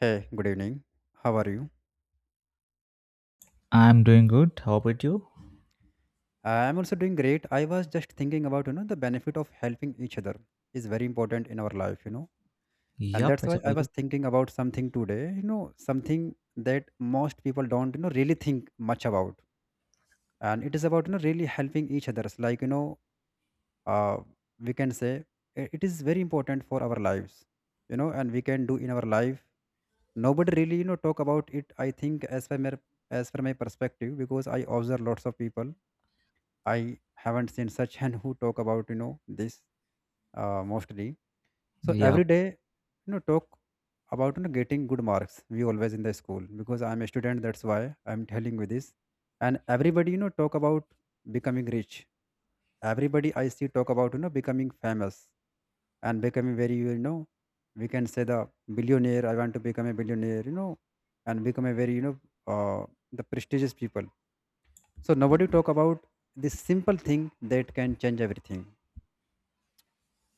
Hey, good evening. How are you? I'm doing good. How about you? I'm also doing great. I was just thinking about, the benefit of helping each other is very important in our life. And Yep, that's it's why a I was very thinking about something today, something that most people don't, really think much about. And it is about, really helping each others. Like, uh, we can say it is very important for our lives, and we can do in our life. Nobody really, talk about it, I think, as per my perspective, because I observe lots of people. I haven't seen such and who talk about this mostly. So every yep. day, talk about getting good marks. We always in the school because I'm a student. That's why I'm telling you this. And everybody talk about becoming rich. Everybody I see talk about becoming famous and becoming very, we can say, the billionaire. I want to become a billionaire. And become a very, the prestigious people, so nobody talk about this simple thing that can change everything.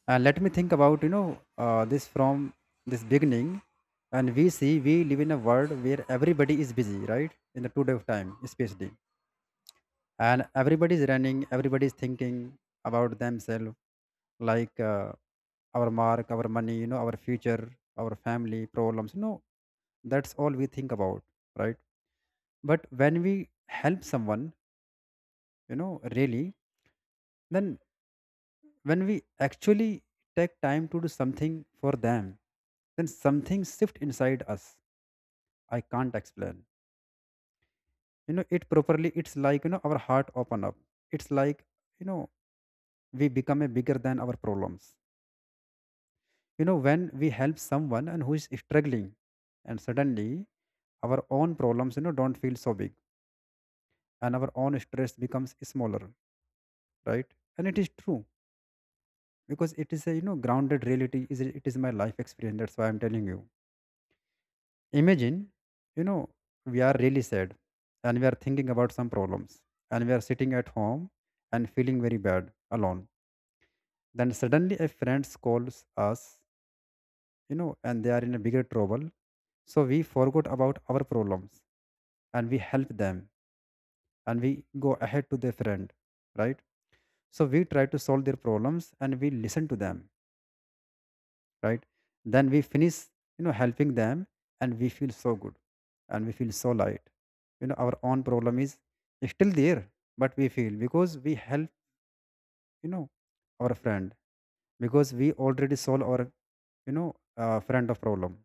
And let me think about, this from this beginning. And we see we live in a world where everybody is busy, right, in the today of time especially. And everybody is running, everybody is thinking about themselves, like our mark, our money, our future, our family problems, that's all we think about, right? But when we help someone, you know really, then when we actually take time to do something for them, then something shift inside us. I can't explain it properly. It's like, our heart open up. It's like, you know we become a bigger than our problems, when we help someone and who is struggling. And suddenly our own problems don't feel so big, and our own stress becomes smaller, right? And it is true, because it is a, grounded reality. Is it is my life experience, that's why I'm telling you. Imagine, you know, we are really sad, and we are thinking about some problems, and we are sitting at home and feeling very bad alone. Then suddenly a friend calls us, and they are in a bigger trouble. So we forgot about our problems and we help them, and we go ahead to their friend, right? So we try to solve their problems and we listen to them, right? Then we finish, helping them, and we feel so good, and we feel so light. Our own problem is still there, but we feel because we help, you know our friend, because we already solve our, you know friend of problem.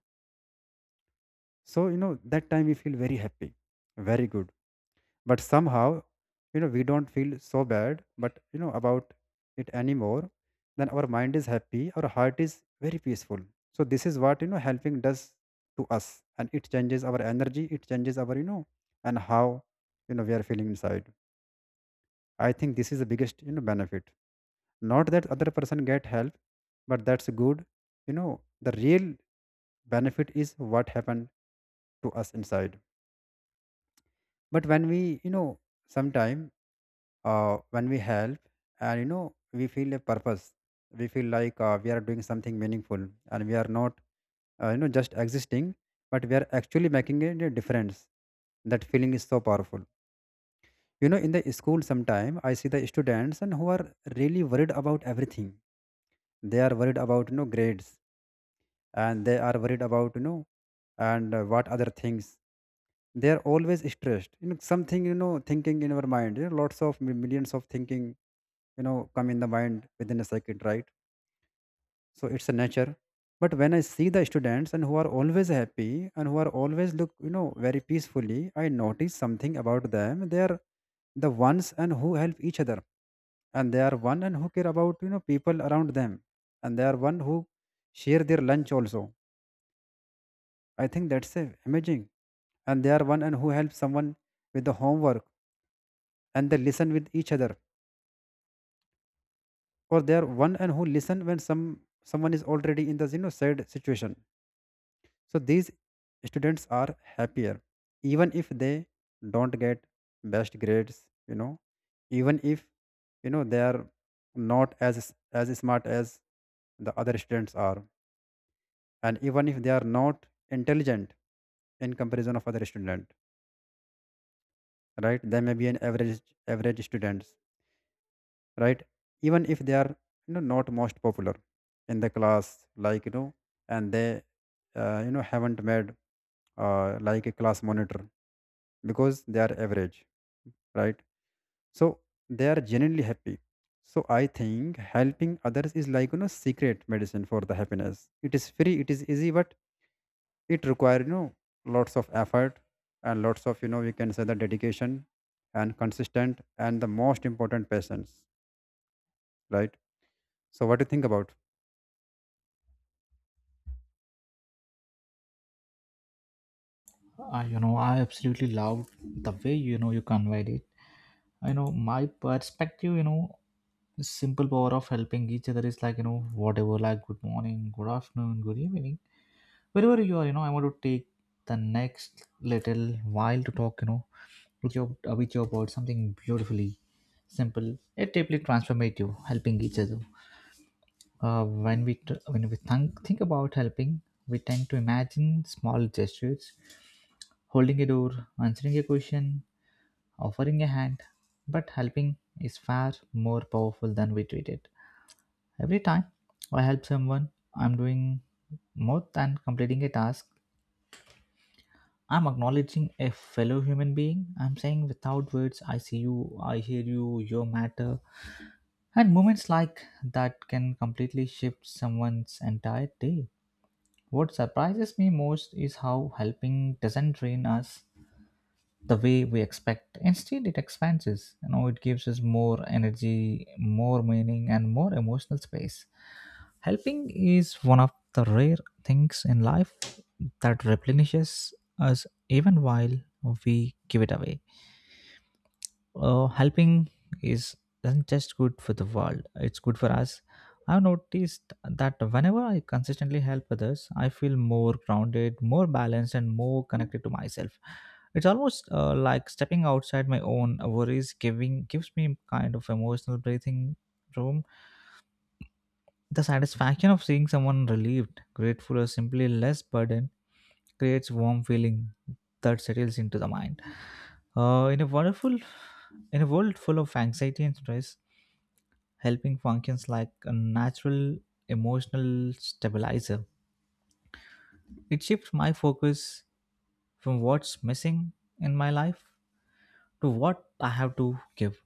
So, that time we feel very happy, very good. But somehow, we don't feel so bad, but about it anymore. Then our mind is happy, our heart is very peaceful. So this is what, helping does to us, and it changes our energy, it changes our, and how, we are feeling inside. I think this is the biggest, benefit. Not that other person get help, but that's good. You know the real benefit is what happened to us inside. But when we, sometime, when we help, and, we feel a purpose. We feel like, we are doing something meaningful, and we are not, just existing, but we are actually making a difference. That feeling is so powerful. In the school sometime I see the students and who are really worried about everything. They are worried about, grades, and they are worried about, and what other things. They are always stressed, something, thinking in our mind, lots of millions of thinking, come in the mind within a second, right? So it's a nature. But when I see the students and who are always happy and who are always look, very peacefully, I notice something about them. They are the ones and who help each other, and they are one and who care about, people around them, and they are one who share their lunch also. I think that's a amazing. And they are one and who help someone with the homework, and they listen with each other, or they are one and who listen when someone is already in the, sad situation. So these students are happier, even if they don't get best grades, even if, they are not as smart as the other students are. And even if they are not intelligent in comparison of other student, right? They may be an average students, right? Even if they are, not most popular in the class, like, and they, haven't made like a class monitor, because they are average, right? So they are genuinely happy. So I think helping others is like, secret medicine for the happiness. It is free, it is easy, but it requires, lots of effort, and lots of, we can say, the dedication and consistent, and the most important patience, right? So what do you think about? I absolutely love the way you conveyed it. My perspective, simple power of helping each other is like whatever, like good morning, good afternoon, good evening, wherever you are. I want to take the next little while to talk. With you about something beautifully simple, yet deeply transformative, helping each other. When we think about helping, we tend to imagine small gestures, holding a door, answering a question, offering a hand. But helping is far more powerful than we treat it. Every time I help someone, I'm doing more than completing a task. I'm acknowledging a fellow human being. I'm saying without words, I see you, I hear you, you matter. And moments like that can completely shift someone's entire day. What surprises me most is how helping doesn't drain us the way we expect. Instead, it expands us. It gives us more energy, more meaning, and more emotional space. Helping is one of the rare things in life that replenishes us even while we give it away helping is isn't just good for the world. It's good for us. I've noticed that whenever I consistently help others, I feel more grounded, more balanced, and more connected to myself. It's almost like stepping outside my own worries, giving gives me kind of emotional breathing room. The satisfaction of seeing someone relieved, grateful, or simply less burdened creates warm feeling that settles into the mind. Uh, in a wonderful, in a world full of anxiety and stress, helping functions like a natural emotional stabilizer. It shifts my focus from what's missing in my life to what I have to give.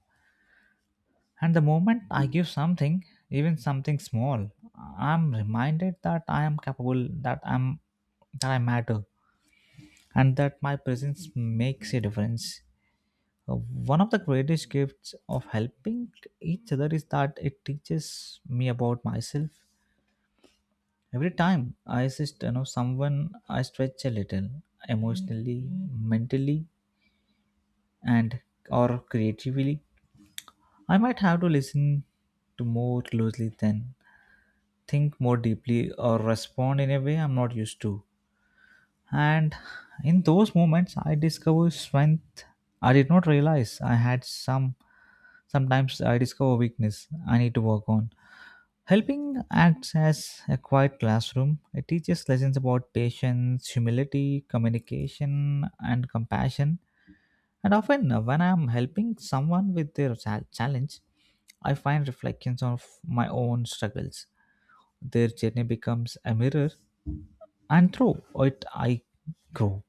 And the moment I give something, even something small, I'm reminded that I am capable, that I matter, and that my presence makes a difference. Uh, One of the greatest gifts of helping each other is that it teaches me about myself. Every time I assist, someone, I stretch a little emotionally, mentally, and or creatively. I might have to listen to more closely then think more deeply or respond in a way I'm not used to. And in those moments, I discover strength I did not realize I had some. Sometimes I discover weakness I need to work on. Helping acts as a quiet classroom. It teaches lessons about patience, humility, communication, and compassion. And often, when I'm helping someone with their challenge, I find reflections of my own struggles. Their journey becomes a mirror, and through it, I grow.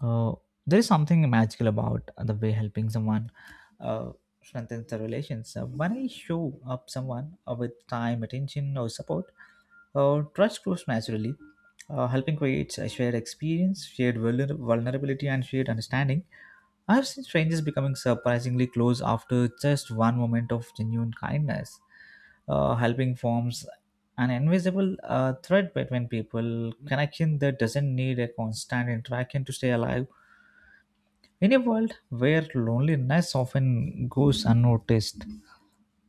Uh, there is something magical about the way helping someone uh, strengthens the relations. When I show up someone with time, attention, or support, trust grows naturally. Helping creates a shared experience, shared vulnerability, and shared understanding. I've seen strangers becoming surprisingly close after just one moment of genuine kindness. Helping forms an invisible thread between people, connection that doesn't need a constant interaction to stay alive. In a world where loneliness often goes unnoticed,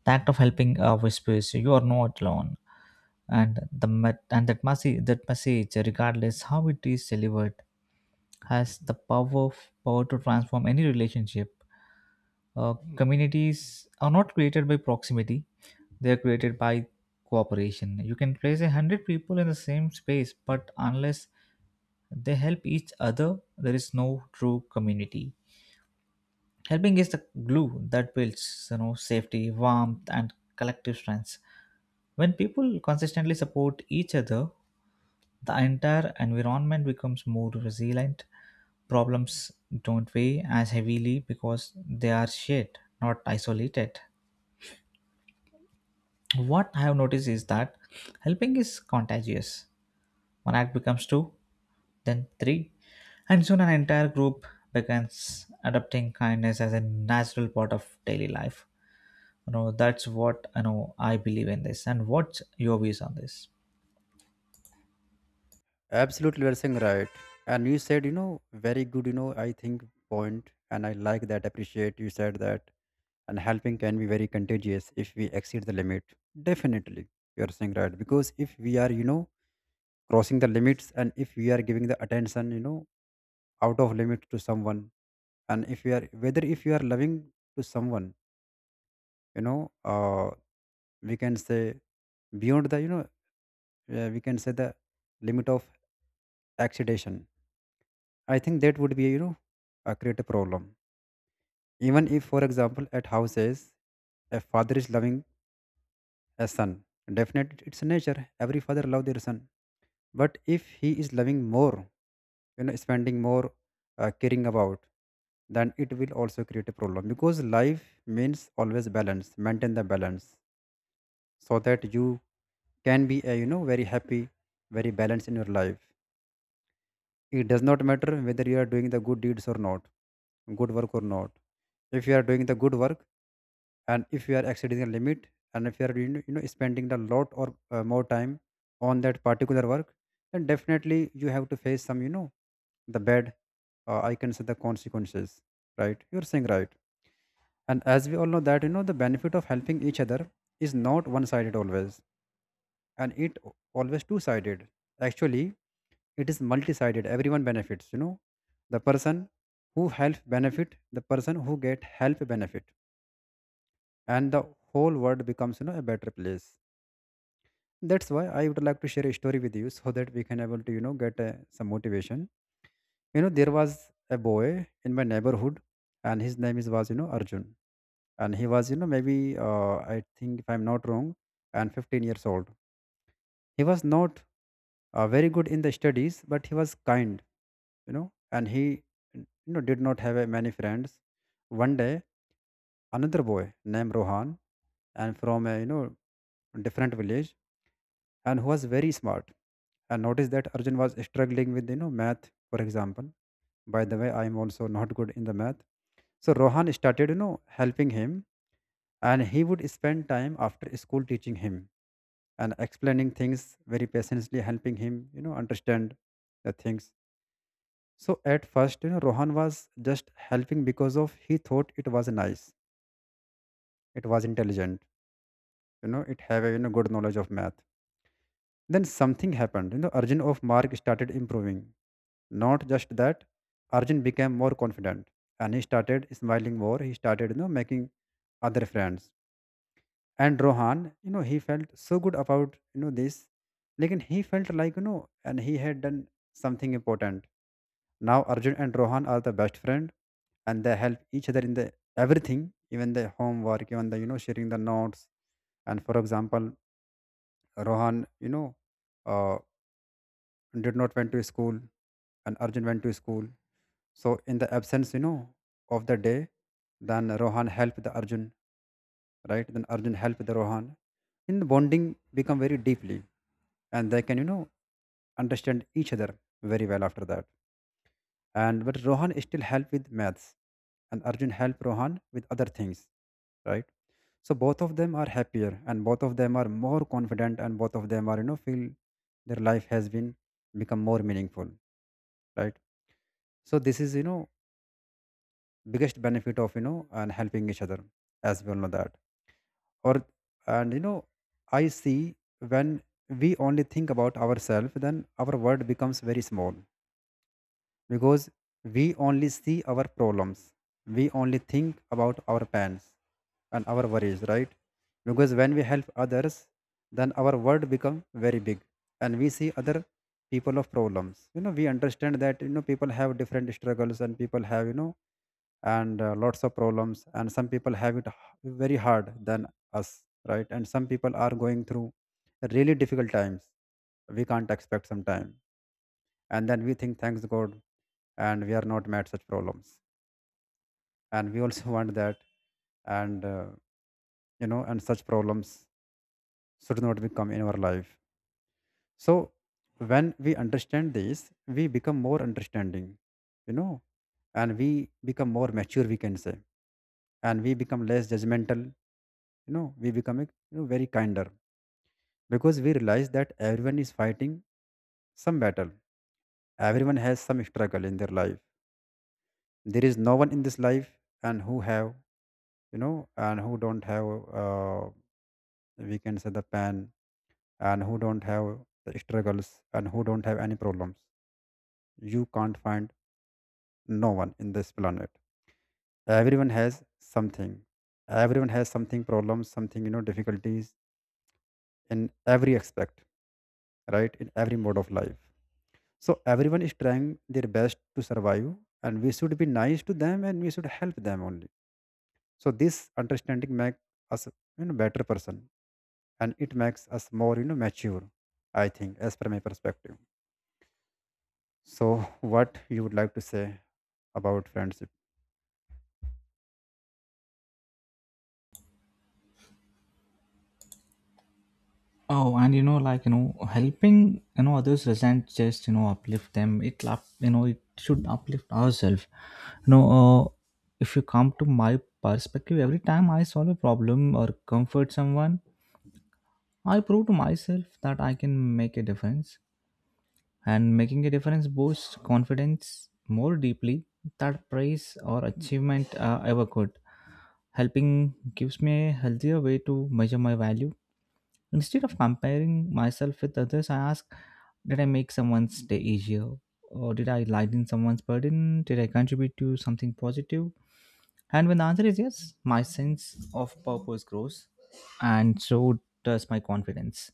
the act of helping whispers you are not alone, and that message, regardless how it is delivered, has the power to transform any relationship. Communities are not created by proximity; they are created by cooperation. You can place a hundred people in the same space, but unless they help each other, there is no true community. Helping is the glue that builds, safety, warmth, and collective strength. When people consistently support each other, the entire environment becomes more resilient. Problems don't weigh as heavily because they are shared, not isolated. What I have noticed is that helping is contagious. One act becomes two, then three, and soon an entire group begins adopting kindness as a natural part of daily life. That's what I believe in this. And what's your views on this? Absolutely, you are saying right. And you said, very good, I think point, and I like that, appreciate you said that. And helping can be very contagious if we exceed the limit, definitely. You are saying right. Because if we are, crossing the limits, and if we are giving the attention, out of limit to someone, and if we are, whether if you are loving to someone, you know uh, we can say beyond the, we can say, the limit of excitation, I think that would be, a create a problem. Even if, for example, at houses, a father is loving a son, definitely, it's nature. Every father love their son. But if he is loving more, spending more, caring about, then it will also create a problem, because life means always balance, maintain the balance, so that you can be a, very happy, very balanced in your life. It does not matter whether you are doing the good deeds or not, good work or not. If you are doing the good work, and if you are exceeding the limit, and if you are, spending a lot, or more time on that particular work, then definitely you have to face some, the bad, I can say the consequences, right? You're saying right. And as we all know that, the benefit of helping each other is not one sided always, and it always two sided, actually. It is multi sided. Everyone benefits, the person who helps benefit, the person who get help benefit, and the whole world becomes, a better place. That's why I would like to share a story with you, so that we can able to, get some motivation. You know, there was a boy in my neighborhood, and his name is, was, Arjun. And he was, maybe, I think if I'm not wrong, and 15 years old. He was not very good in the studies, but he was kind, and he, did not have many friends. One day, another boy named Rohan, and from a, different village, and who was very smart, and noticed that Arjun was struggling with, math, for example. By the way, I am also not good in the math. So Rohan started, helping him, and he would spend time after school teaching him and explaining things very patiently, helping him, understand the things. So at first, Rohan was just helping because of he thought it was nice, it was intelligent, it have a, good knowledge of math. Then something happened, Arjun of Mark started improving. Not just that, Arjun became more confident, and he started smiling more. He started, making other friends. And Rohan, he felt so good about, this. Like, he felt like, and he had done something important. Now Arjun and Rohan are the best friend, and they help each other in the everything, even the homework, even the, sharing the notes. And for example, Rohan, uh, did not went to school, and Arjun went to school. So in the absence, of the day, then Rohan helped the Arjun, right? Then Arjun helped the Rohan. In the bonding become very deeply, and they can understand each other very well after that. And but Rohan still help with maths, and Arjun help Rohan with other things, right? So both of them are happier, and both of them are more confident, and both of them are feel their life has been become more meaningful, right? So this is biggest benefit of and helping each other, as we all know that. Or, and I see, when we only think about ourselves, then our world becomes very small, because we only see our problems. We only think about our pains and our worries, right? Because when we help others, then our world become very big, and we see other people of problems. You know, we understand that, you know, people have different struggles, and people have, you know and lots of problems. And some people have it very hard than us, right? And some people are going through really difficult times we can't expect some time. And then we think, thanks god, and we are not mad such problems. And we also want that and you know and such problems should not become in our life. So when we understand this, we become more understanding, you know, and we become more mature, we can say. And we become less judgmental, we become very kinder, because we realize that everyone is fighting some battle. Everyone has some struggle in their life. There is no one in this life and who have, and who don't have, uh, we can say, the pain, and who don't have the struggles, and who don't have any problems. You can't find no one in this planet. Everyone has something. Everyone has something problems, something, difficulties in every aspect, right? In every mode of life. So everyone is trying their best to survive, and we should be nice to them, and we should help them only. So this understanding makes us, better person, and it makes us more, mature. I think, as per my perspective. So what you would like to say about friendship? Oh, and like helping others doesn't just uplift them. It should uplift ourselves. You know, uh, if you come to my perspective, every time I solve a problem or comfort someone, I prove to myself that I can make a difference. And making a difference boosts confidence more deeply that praise or achievement ever could. Helping gives me a healthier way to measure my value. Instead of comparing myself with others, I ask, did I make someone's day easier? Or did I lighten someone's burden? Did I contribute to something positive? And when the answer is yes, my sense of purpose grows, and so does my confidence.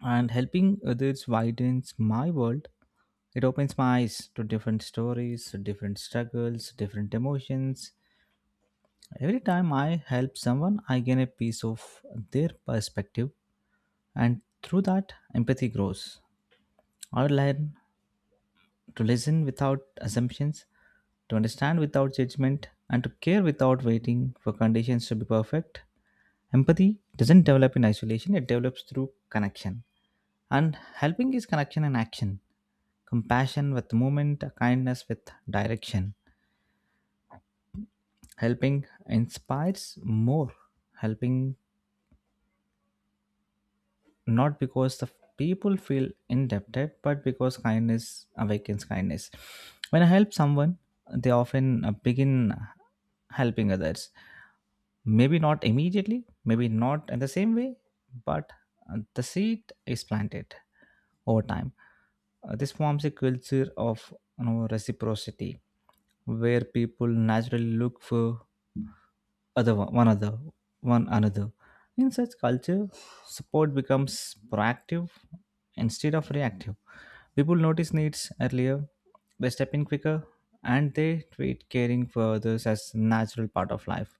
And helping others widens my world. It opens my eyes to different stories, different struggles, different emotions. Every time I help someone, I gain a piece of their perspective, and through that, empathy grows. I learn to listen without assumptions, to understand without judgment, and to care without waiting for conditions to be perfect. Empathy doesn't develop in isolation, it develops through connection. And helping is connection and action, compassion with movement, kindness with direction. Helping inspires more helping, not because the people feel indebted, but because kindness awakens kindness. When I help someone, they often begin helping others. Maybe not immediately, maybe not in the same way, but the seed is planted over time. This forms a culture of reciprocity, where people naturally look for other one one other one another. In such culture, support becomes proactive instead of reactive. People notice needs earlier, they step in quicker, and they treat caring for others as a natural part of life.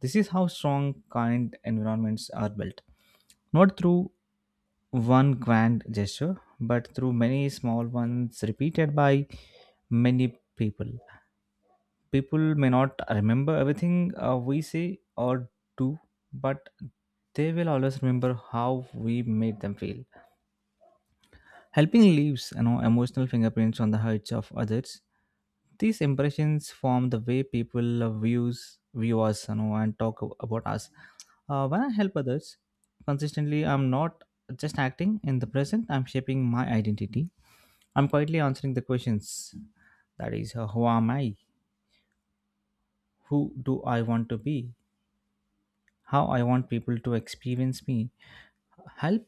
This is how strong, kind environments are built. Not through one grand gesture, but through many small ones repeated by many people. People may not remember everything we say or do, but they will always remember how we made them feel. Helping leaves, emotional fingerprints on the hearts of others. These impressions form the way people view us, and talk about us. When I help others consistently, I'm not just acting in the present. I'm shaping my identity. I'm quietly answering the questions. That is, who am I? Who do I want to be? How I want people to experience me. Help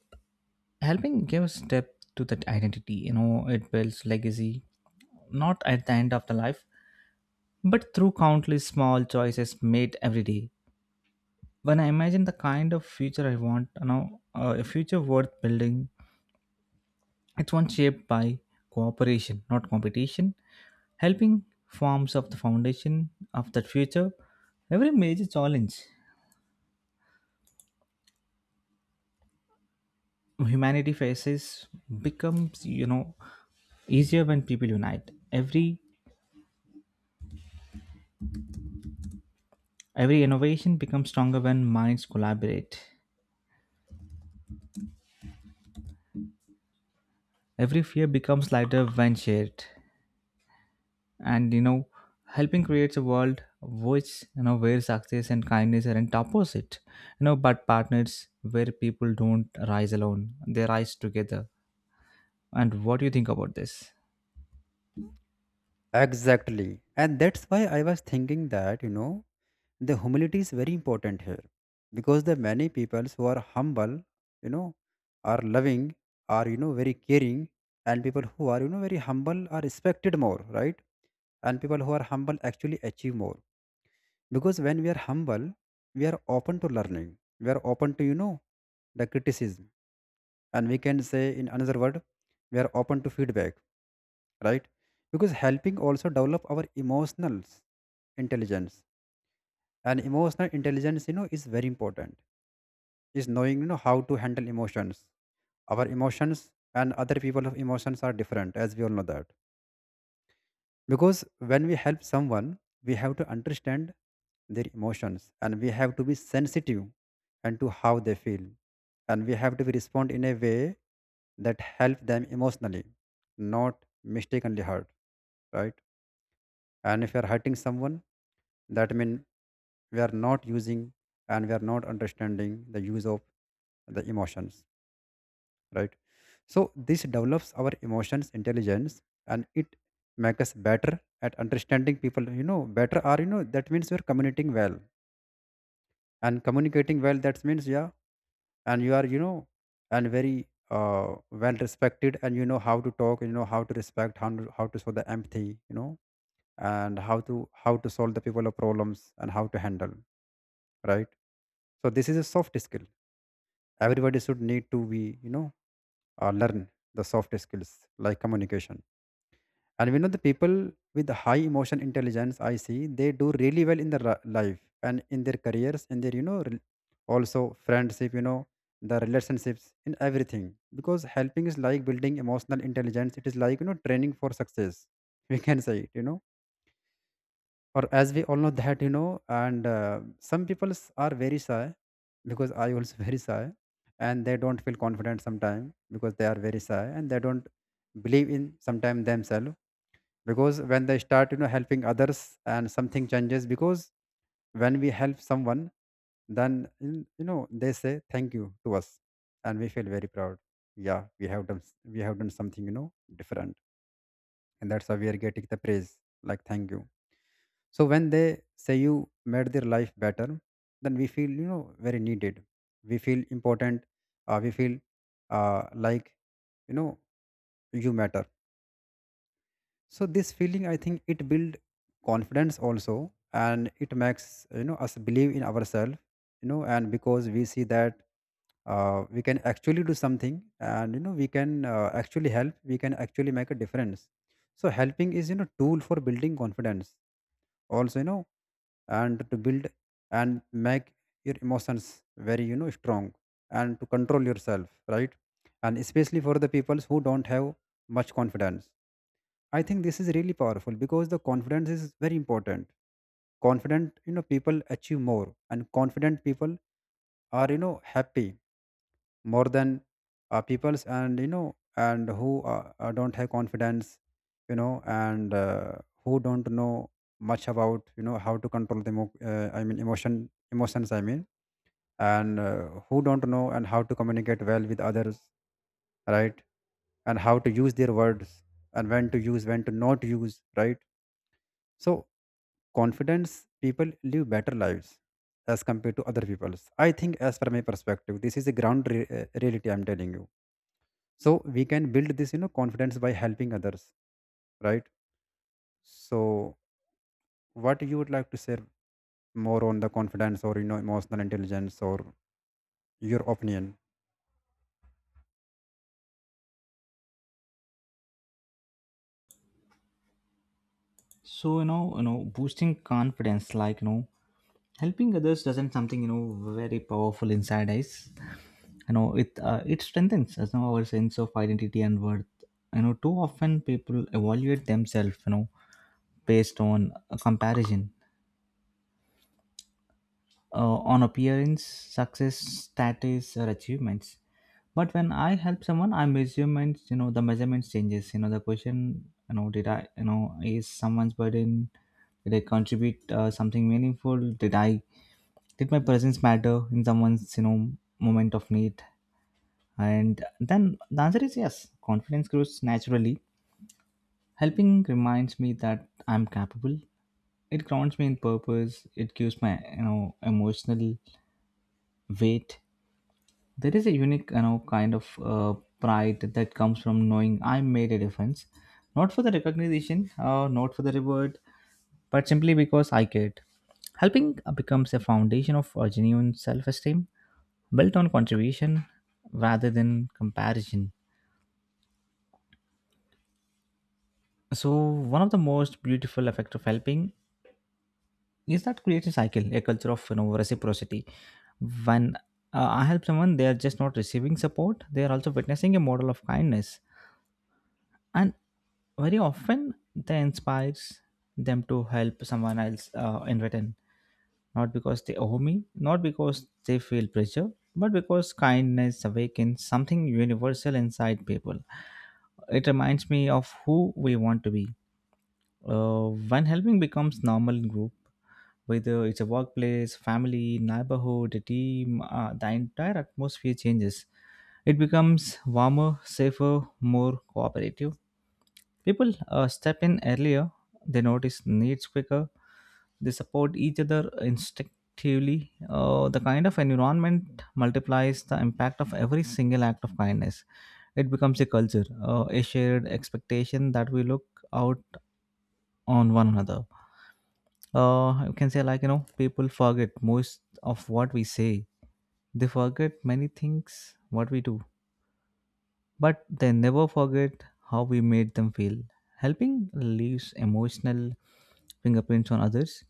helping gives depth to that identity. It builds legacy, not at the end of the life, but through countless small choices made every day. When I imagine the kind of future I want, a future worth building, it's one shaped by cooperation, not competition. Helping forms of the foundation of that future. Every major challenge humanity faces becomes, easier when people unite. Every innovation becomes stronger when minds collaborate. Every fear becomes lighter when shared. And helping creates a world which you know where success and kindness aren't opposite. But partners, where people don't rise alone. They rise together. And what do you think about this? Exactly, and that's why I was thinking that, the humility is very important here, because the many people who are humble, you know, are loving, are, very caring. And people who are, very humble are respected more, right? And people who are humble actually achieve more, because when we are humble, we are open to learning. We are open to, the criticism, and we can say in another word, we are open to feedback, right? Because helping also develop our emotional intelligence. And emotional intelligence, you know, is very important, is knowing, how to handle emotions. Our emotions and other people of emotions are different, as we all know that. Because when we help someone, we have to understand their emotions, and we have to be sensitive and to how they feel, and we have to be respond in a way that help them emotionally, not mistakenly hurt, right? And if we are hurting someone, that means we are not using, and we are not understanding the use of the emotions, right? So this develops our emotions intelligence, and it makes us better at understanding people, you know, better or you know, that means you're communicating well. And communicating well that means, yeah, and you are, you know, and very well respected, and you know how to talk, you know how to respect, how to show the empathy, you know, and how to solve the people of problems and how to handle, right? So this is a soft skill. Everybody should need to be, you know, learn the soft skills like communication. And we know the people with high emotion intelligence, I see, they do really well in their life and in their careers, in their, you know, also friendship, you know, the relationships, in everything. Because helping is like building emotional intelligence. It is like, you know, training for success. We can say it, you know. Or as we all know that, you know, and some people are very shy, because I also very shy, and they don't feel confident sometimes because they are very shy, and they don't believe in sometimes themselves. Because when they start, you know, helping others, and something changes, because when we help someone, then you know, they say thank you to us, and we feel very proud. Yeah, we have done we have done something, you know, different, and that's how we are getting the praise, like thank you. So when they say you made their life better, then we feel, you know, very needed, we feel important, we feel, like, you know, you matter. So this feeling, I think, it builds confidence also, and it makes, you know, us believe in ourselves, you know, and because we see that, we can actually do something. And you know, we can, actually help, we can actually make a difference. So helping is, you know, tool for building confidence also, you know, and to build and make your emotions very, you know, strong, and to control yourself, right? And especially for the people who don't have much confidence, I think this is really powerful, because the confidence is very important. Confident, you know, people achieve more, and confident people are, you know, happy more than, people's, and you know, and who don't have confidence, you know, and who don't know much about, you know, how to control the, I mean, emotions. I mean, and who don't know and how to communicate well with others, right? And how to use their words, and when to use, when to not use, right? So confidence people live better lives as compared to other people's. I think, as per my perspective, this is a ground reality, I'm telling you. So we can build this, you know, confidence by helping others, right? So what you would like to share more on the confidence, or you know, emotional intelligence, or your opinion? Boosting confidence, helping others doesn't something very powerful inside us. It strengthens, our sense of identity and worth. Too often people evaluate themselves based on a comparison, on appearance, success, status or achievements. But when I help someone, I measurements, the measurements changes, the question, did I, is someone's burden, did I contribute something meaningful, did i did my presence matter in someone's moment of need? And then the answer is yes. Confidence grows naturally. Helping reminds me that I'm capable. It grounds me in purpose. It gives my emotional weight. There is a unique kind of pride that comes from knowing I made a difference, not for the recognition, not for the reward, but simply because I cared. Helping becomes a foundation of genuine self-esteem, built on contribution rather than comparison. So one of the most beautiful effect of helping is that creates a cycle, a culture of reciprocity. When I help someone, they are just not receiving support; they are also witnessing a model of kindness, and very often that inspires them to help someone else in return. Not because they owe me, not because they feel pressure, but because kindness awakens something universal inside people. It reminds me of who we want to be. When helping becomes normal in group, whether it's a workplace, family, neighborhood, a team, the entire atmosphere changes. It becomes warmer, safer, more cooperative. People step in earlier, they notice needs quicker, they support each other instinctively. The kind of environment multiplies the impact of every single act of kindness. It becomes a culture, a shared expectation that we look out on one another. You can say, people forget most of what we say. They forget many things what we do, but they never forget how we made them feel. Helping leaves emotional fingerprints on others.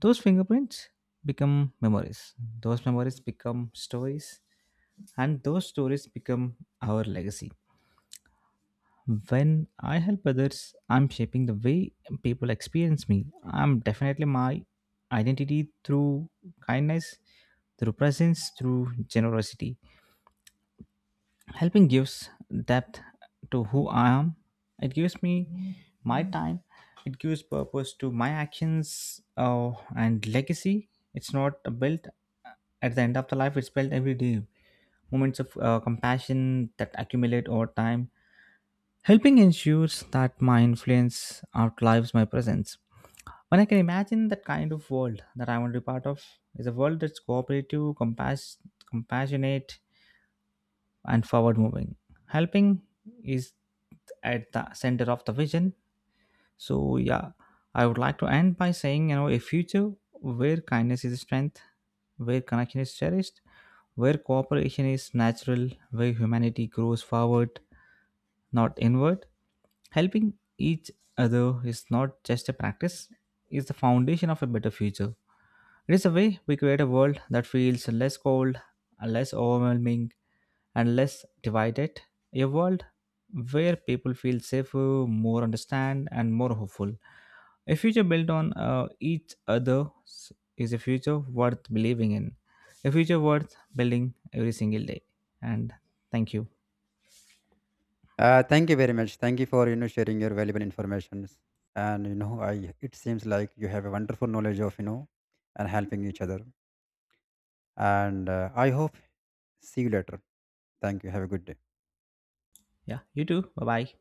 Those fingerprints become memories. Those memories become stories. And those stories become our legacy. When I help others, I'm shaping the way people experience me. I'm definitely my identity through kindness, through presence, through generosity. Helping gives depth to who I am. It gives me my time. It gives purpose to my actions and legacy. It's not built at the end of the life, it's built every day. Moments of compassion that accumulate over time. Helping ensures that my influence outlives my presence. When I can imagine that kind of world that I want to be part of, is a world that's cooperative, compassionate, and forward moving. Helping is at the center of the vision. So, yeah, I would like to end by saying, a future where kindness is strength, where connection is cherished, where cooperation is natural, where humanity grows forward, not inward. Helping each other is not just a practice, it's the foundation of a better future. It is a way we create a world that feels less cold, less overwhelming, and less divided. A world where people feel safer, more understand, and more hopeful. A future built on each other is a future worth believing in, a future worth building every single day. And thank you. Thank you very much. Thank you for, you know, sharing your valuable informations. And you know, I, it seems like you have a wonderful knowledge of, you know, and helping each other. And I hope, see you later. Thank you, have a good day. Yeah, you too. Bye bye.